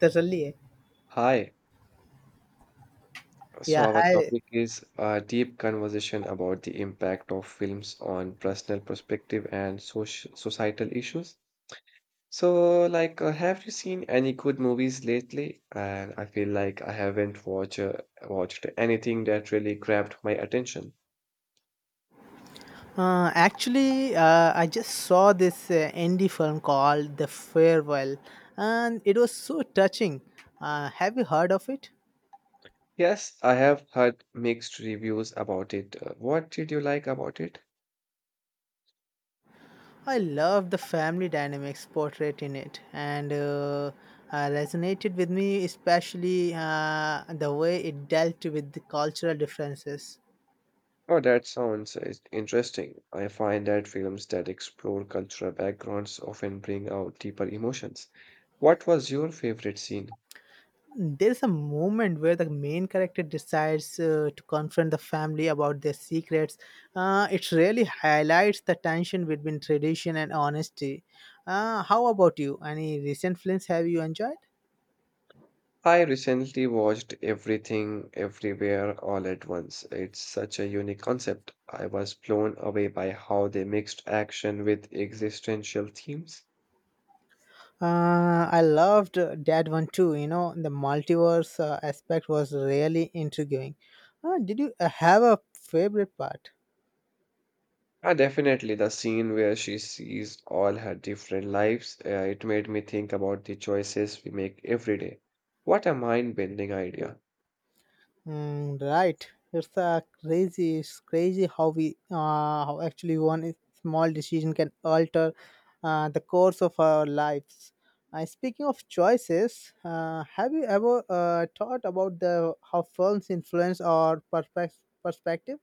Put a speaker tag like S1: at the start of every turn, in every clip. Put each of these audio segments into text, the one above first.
S1: Totally.
S2: Hi. So
S1: Yeah,
S2: our
S1: hi.
S2: topic is a deep conversation about the impact of films on personal perspective and societal issues. So, have you seen any good movies lately? And I feel like I haven't watched anything that really grabbed my attention.
S1: Actually, I just saw this indie film called The Farewell, and it was so touching. Have you heard of it?
S2: Yes, I have heard mixed reviews about it. What did you like about it?
S1: I love the family dynamics portrayed in it, and resonated with me, especially the way it dealt with the cultural differences.
S2: Oh, that sounds interesting. I find that films that explore cultural backgrounds often bring out deeper emotions. What was your favorite scene?
S1: There's a moment where the main character decides to confront the family about their secrets. It really highlights the tension between tradition and honesty. How about you? Any recent films have you enjoyed?
S2: I recently watched Everything, Everywhere, All at Once. It's such a unique concept. I was blown away by how they mixed action with existential themes.
S1: I loved that one too. You know, the multiverse aspect was really intriguing. Did you have a favorite part?
S2: Ah, definitely the scene where she sees all her different lives. It made me think about the choices we make every day. What a mind-bending idea.
S1: Mm, right. It's crazy. It's crazy how we how actually one small decision can alter the course of our lives. Speaking of choices, have you ever thought about the how films influence our perspective?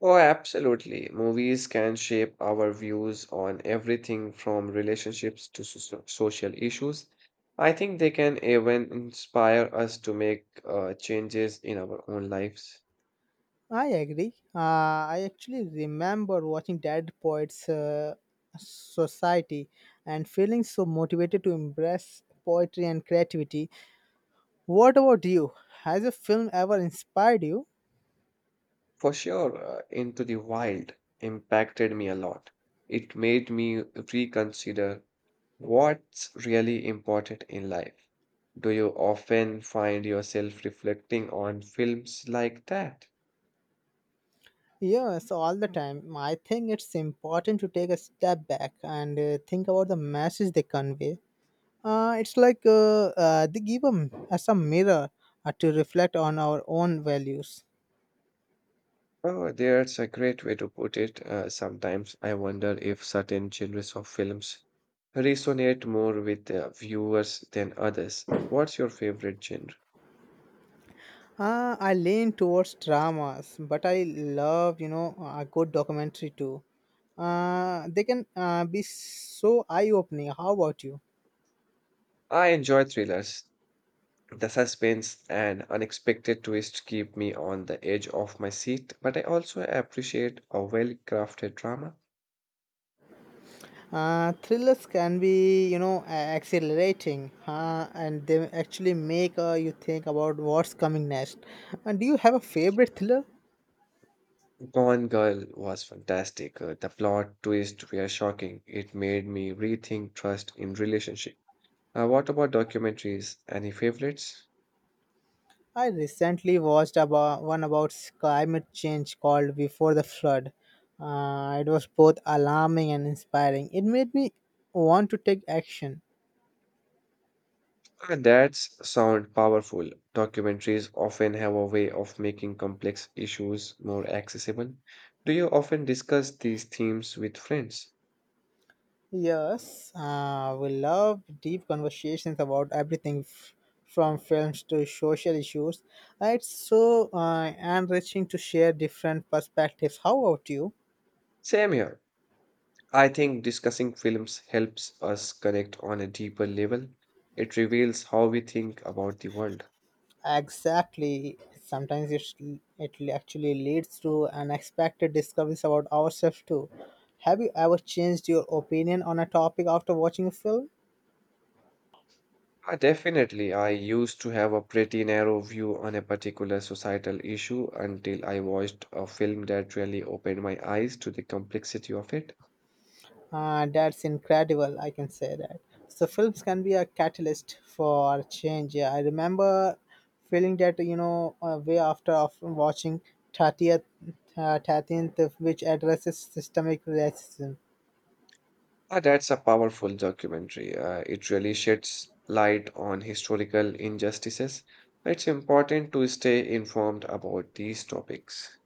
S2: Oh, absolutely. Movies can shape our views on everything from relationships to social issues. I think they can even inspire us to make changes in our own lives.
S1: I agree. I actually remember watching Dead Poets Society and feeling so motivated to embrace poetry and creativity. What about you? Has a film ever inspired you?
S2: For sure, Into the Wild impacted me a lot. It made me reconsider what's really important in life. Do you often find yourself reflecting on films like that?
S1: Yes, all the time. I think it's important to take a step back and think about the message they convey. It's like they give us a mirror to reflect on our own values.
S2: Oh, there's a great way to put it. Sometimes I wonder if certain genres of films resonate more with viewers than others. What's your favorite genre?
S1: I lean towards dramas, but I love, you know, a good documentary too. They can be so eye-opening. How about you?
S2: I enjoy thrillers. The suspense and unexpected twist keep me on the edge of my seat, but I also appreciate a well-crafted drama.
S1: Thrillers can be, you know, exhilarating, huh? And they actually make you think about what's coming next. And do you have a favorite thriller?
S2: Gone Girl was fantastic. The plot twists were shocking. It made me rethink trust in relationship. What about documentaries? Any favorites?
S1: I recently watched about one about climate change called Before the Flood. It was both alarming and inspiring. It made me want to take action.
S2: That's sound powerful. Documentaries often have a way of making complex issues more accessible. Do you often discuss these themes with friends?
S1: Yes, we love deep conversations about everything from films to social issues. It's so enriching to share different perspectives. How about you?
S2: Same here. I think discussing films helps us connect on a deeper level. It reveals how we think about the world.
S1: Exactly. Sometimes it's, it actually leads to unexpected discoveries about ourselves too. Have you ever changed your opinion on a topic after watching a film?
S2: Ah, definitely, I used to have a pretty narrow view on a particular societal issue until I watched a film that really opened my eyes to the complexity of it.
S1: That's incredible, I can say that. So films can be a catalyst for change. Yeah, I remember feeling that, you know, way after of watching 30th, 13th, which addresses systemic racism.
S2: Ah, that's a powerful documentary. It really sheds light on historical injustices. It's important to stay informed about these topics.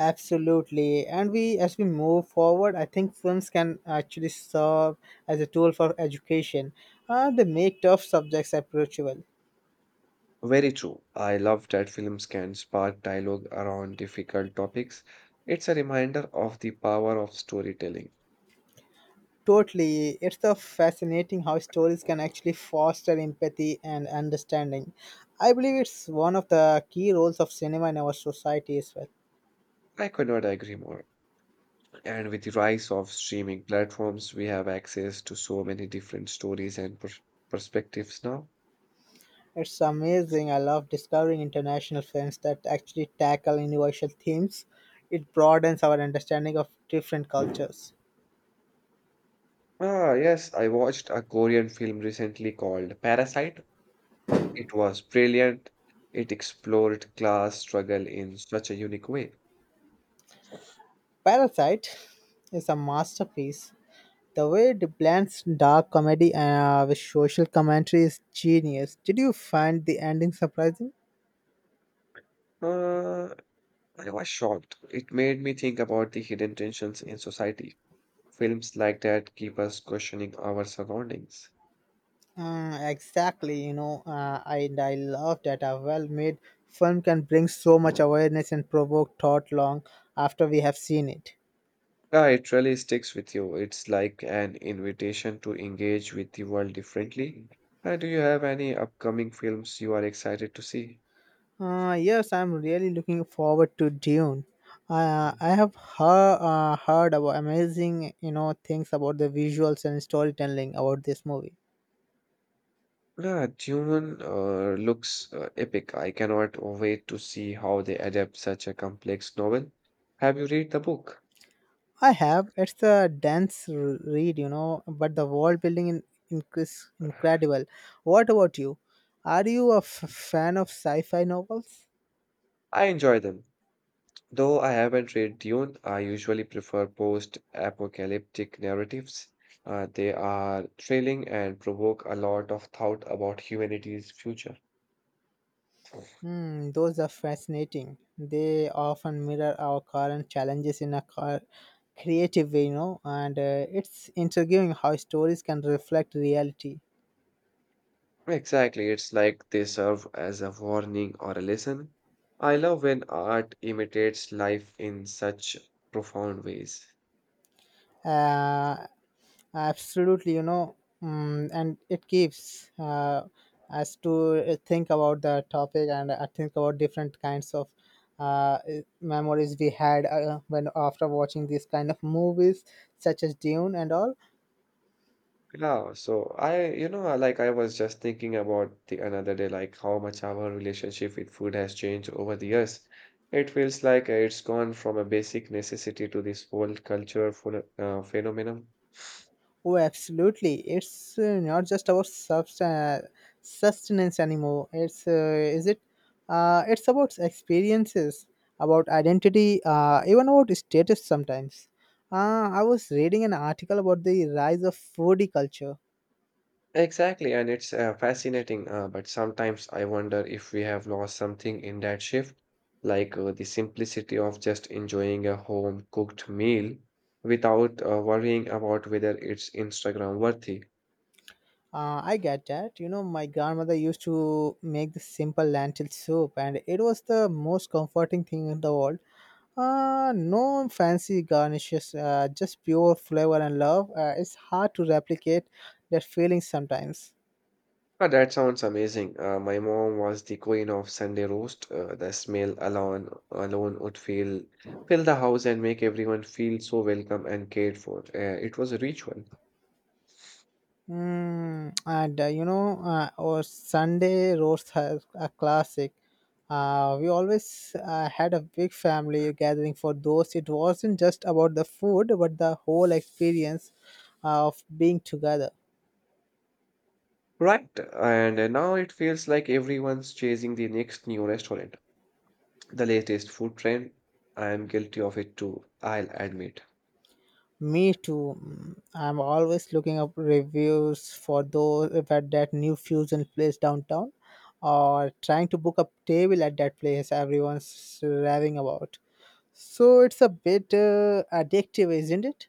S1: Absolutely. And we, as we move forward, I think films can actually serve as a tool for education. They make tough subjects approachable.
S2: Very true. I love that films can spark dialogue around difficult topics. It's a reminder of the power of storytelling.
S1: Totally. It's so fascinating how stories can actually foster empathy and understanding. I believe it's one of the key roles of cinema in our society as well.
S2: I could not agree more. And with the rise of streaming platforms, we have access to so many different stories and perspectives now.
S1: It's amazing. I love discovering international films that actually tackle universal themes. It broadens our understanding of different cultures.
S2: Ah, yes, I watched a Korean film recently called Parasite. It was brilliant. It explored class struggle in such a unique way.
S1: Parasite is a masterpiece. The way it blends dark comedy with social commentary is genius. Did you find the ending surprising?
S2: Uh, I was shocked. It made me think about the hidden tensions in society. Films like that keep us questioning our surroundings.
S1: Exactly, you know, and I love that a well made film can bring so much awareness and provoke thought long after we have seen it.
S2: Yeah, it really sticks with you. It's like an invitation to engage with the world differently. Do you have any upcoming films you are excited to see?
S1: Yes, I'm really looking forward to Dune. I have heard about amazing, you know, things about the visuals and storytelling about this movie.
S2: Yeah, Dune looks epic. I cannot wait to see how they adapt such a complex novel. Have you read the book?
S1: I have. It's a dense read, you know, but the world building in is incredible. What about you? Are you a fan of sci-fi novels?
S2: I enjoy them, though I haven't read Dune, I usually prefer post-apocalyptic narratives. They are thrilling and provoke a lot of thought about humanity's future.
S1: Hmm, those are fascinating. They often mirror our current challenges in a creative way, you know, and it's intriguing how stories can reflect reality.
S2: Exactly, it's like they serve as a warning or a lesson. I love when art imitates life in such profound ways.
S1: Uh, Absolutely, you know, mm, and it keeps us to think about the topic and think about different kinds of uh, memories we had when after watching these kind of movies, such as Dune and all.
S2: Yeah, so I, you know, I- like I was just thinking about the another day, like how much our relationship with food has changed over the years. It feels like it's gone from a basic necessity to this whole culture full, phenomenon.
S1: Oh, absolutely. It's not just about sustenance anymore. It's is it? It's about experiences, about identity, even about status sometimes. I was reading an article about the rise of foodie culture.
S2: Exactly, and it's fascinating, but sometimes I wonder if we have lost something in that shift, like the simplicity of just enjoying a home cooked meal without worrying about whether it's Instagram worthy.
S1: I get that. You know, my grandmother used to make this simple lentil soup, and it was the most comforting thing in the world. No fancy garnishes, just pure flavor and love. It's hard to replicate that feeling sometimes.
S2: Ah, that sounds amazing. My mom was the queen of Sunday roast. The smell alone would fill the house and make everyone feel so welcome and cared for. It was a ritual,
S1: Mm, and our Sunday roast has a classic. We always had a big family gathering for those. It wasn't just about the food, but the whole experience of being together.
S2: right? And now it feels like everyone's chasing the next new restaurant, the latest food trend. I am guilty of it too, I'll admit.
S1: Me too. Mm, I'm always looking up reviews for those at that new fusion place downtown, or trying to book a table at that place everyone's raving about. So it's a bit addictive, isn't it?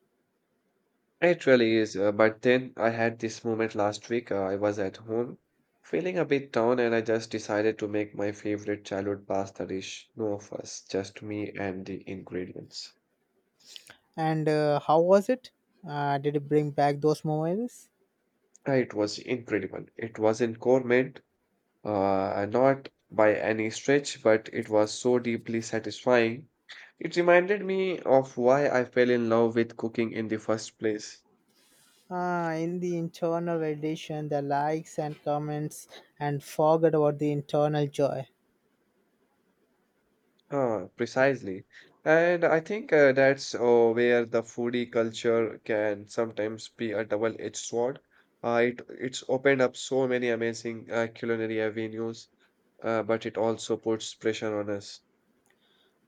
S2: It really is, but then I had this moment last week. I was at home feeling a bit down, and I just decided to make my favorite childhood pasta dish. No fuss, just me and the ingredients.
S1: And how was it? Did it bring back those moments?
S2: It was incredible. It wasn't gourmet, not by any stretch, but it was so deeply satisfying. It reminded me of why I fell in love with cooking in the first place.
S1: Ah, in the internal edition, the likes and comments, and forget about the internal joy.
S2: Precisely. And I think that's where the foodie culture can sometimes be a double-edged sword. It's opened up so many amazing culinary avenues, but it also puts pressure on us.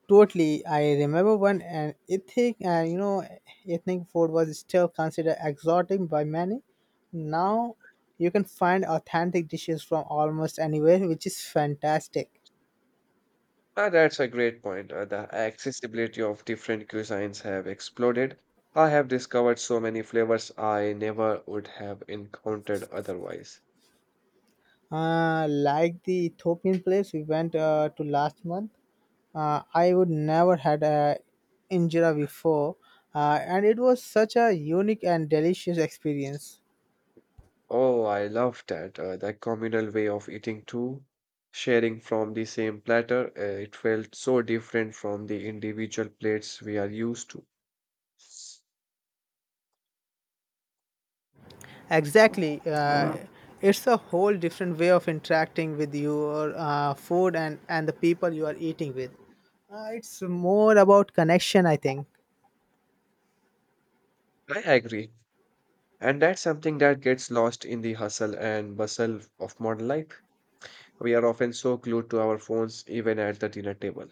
S1: Totally, I remember when an ethnic, you know, ethnic food was still considered exotic by many. Now, you can find authentic dishes from almost anywhere, which is fantastic.
S2: That's a great point. The accessibility of different cuisines have exploded. I have discovered so many flavors I never would have encountered otherwise.
S1: Like the Ethiopian place we went to last month, I would never had a injera before, and it was such a unique and delicious experience.
S2: Oh, I love that. The communal way of eating too, sharing from the same platter, it felt so different from the individual plates we are used to.
S1: Exactly, it's a whole different way of interacting with your food and the people you are eating with. It's more about connection, I think.
S2: I agree. And that's something that gets lost in the hustle and bustle of modern life. We are often so glued to our phones even at the dinner table.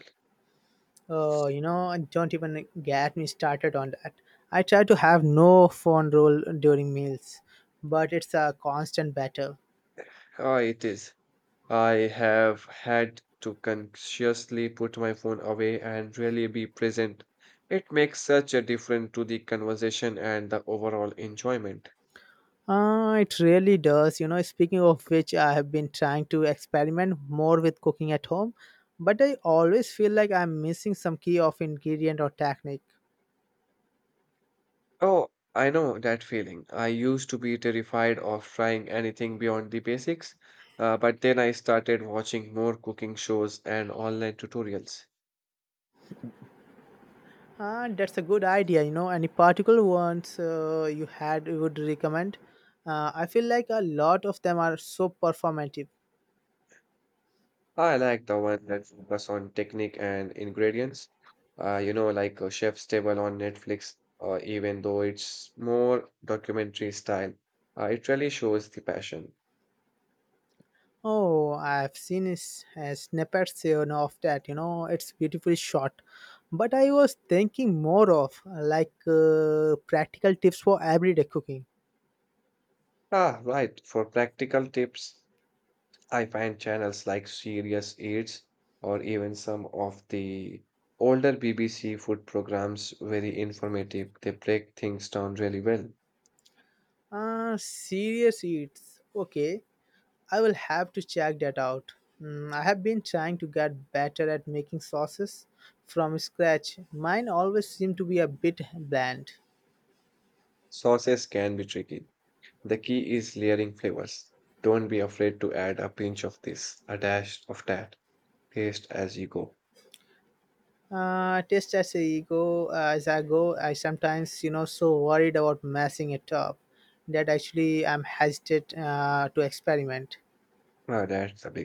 S1: Oh, you know, and don't even get me started on that. I try to have no phone rule during meals, but it's a constant battle.
S2: Ah, it is. I have had to consciously put my phone away and really be present. It makes such a difference to the conversation and the overall enjoyment.
S1: It really does. You know, speaking of which, I have been trying to experiment more with cooking at home, but I always feel like I'm missing some key of ingredient or technique.
S2: Oh, I know that feeling. I used to be terrified of trying anything beyond the basics, but then I started watching more cooking shows and online tutorials.
S1: Ah, that's a good idea. You know, any particular ones you would recommend? I feel like a lot of them are so performative.
S2: I like the one that focus on technique and ingredients. Like a chef's table on Netflix, even though it's more documentary style, it really shows the passion.
S1: Oh, I've seen snippets, you know, of that. You know, it's beautifully shot. But I was thinking more of practical tips for everyday cooking.
S2: Ah, right. For practical tips, I find channels like Serious Eats or even some of the older BBC food programs very informative. They break things down really well.
S1: Serious eats. Okay, I will have to check that out. Mm, I have been trying to get better at making sauces from scratch. Mine always seem to be a bit bland.
S2: Sauces can be tricky. The key is layering flavors. Don't be afraid to add a pinch of this, a dash of that. Taste as you go.
S1: Test as I go. I sometimes, you know, so worried about messing it up that actually I'm hesitant to experiment.
S2: Ah, that's the big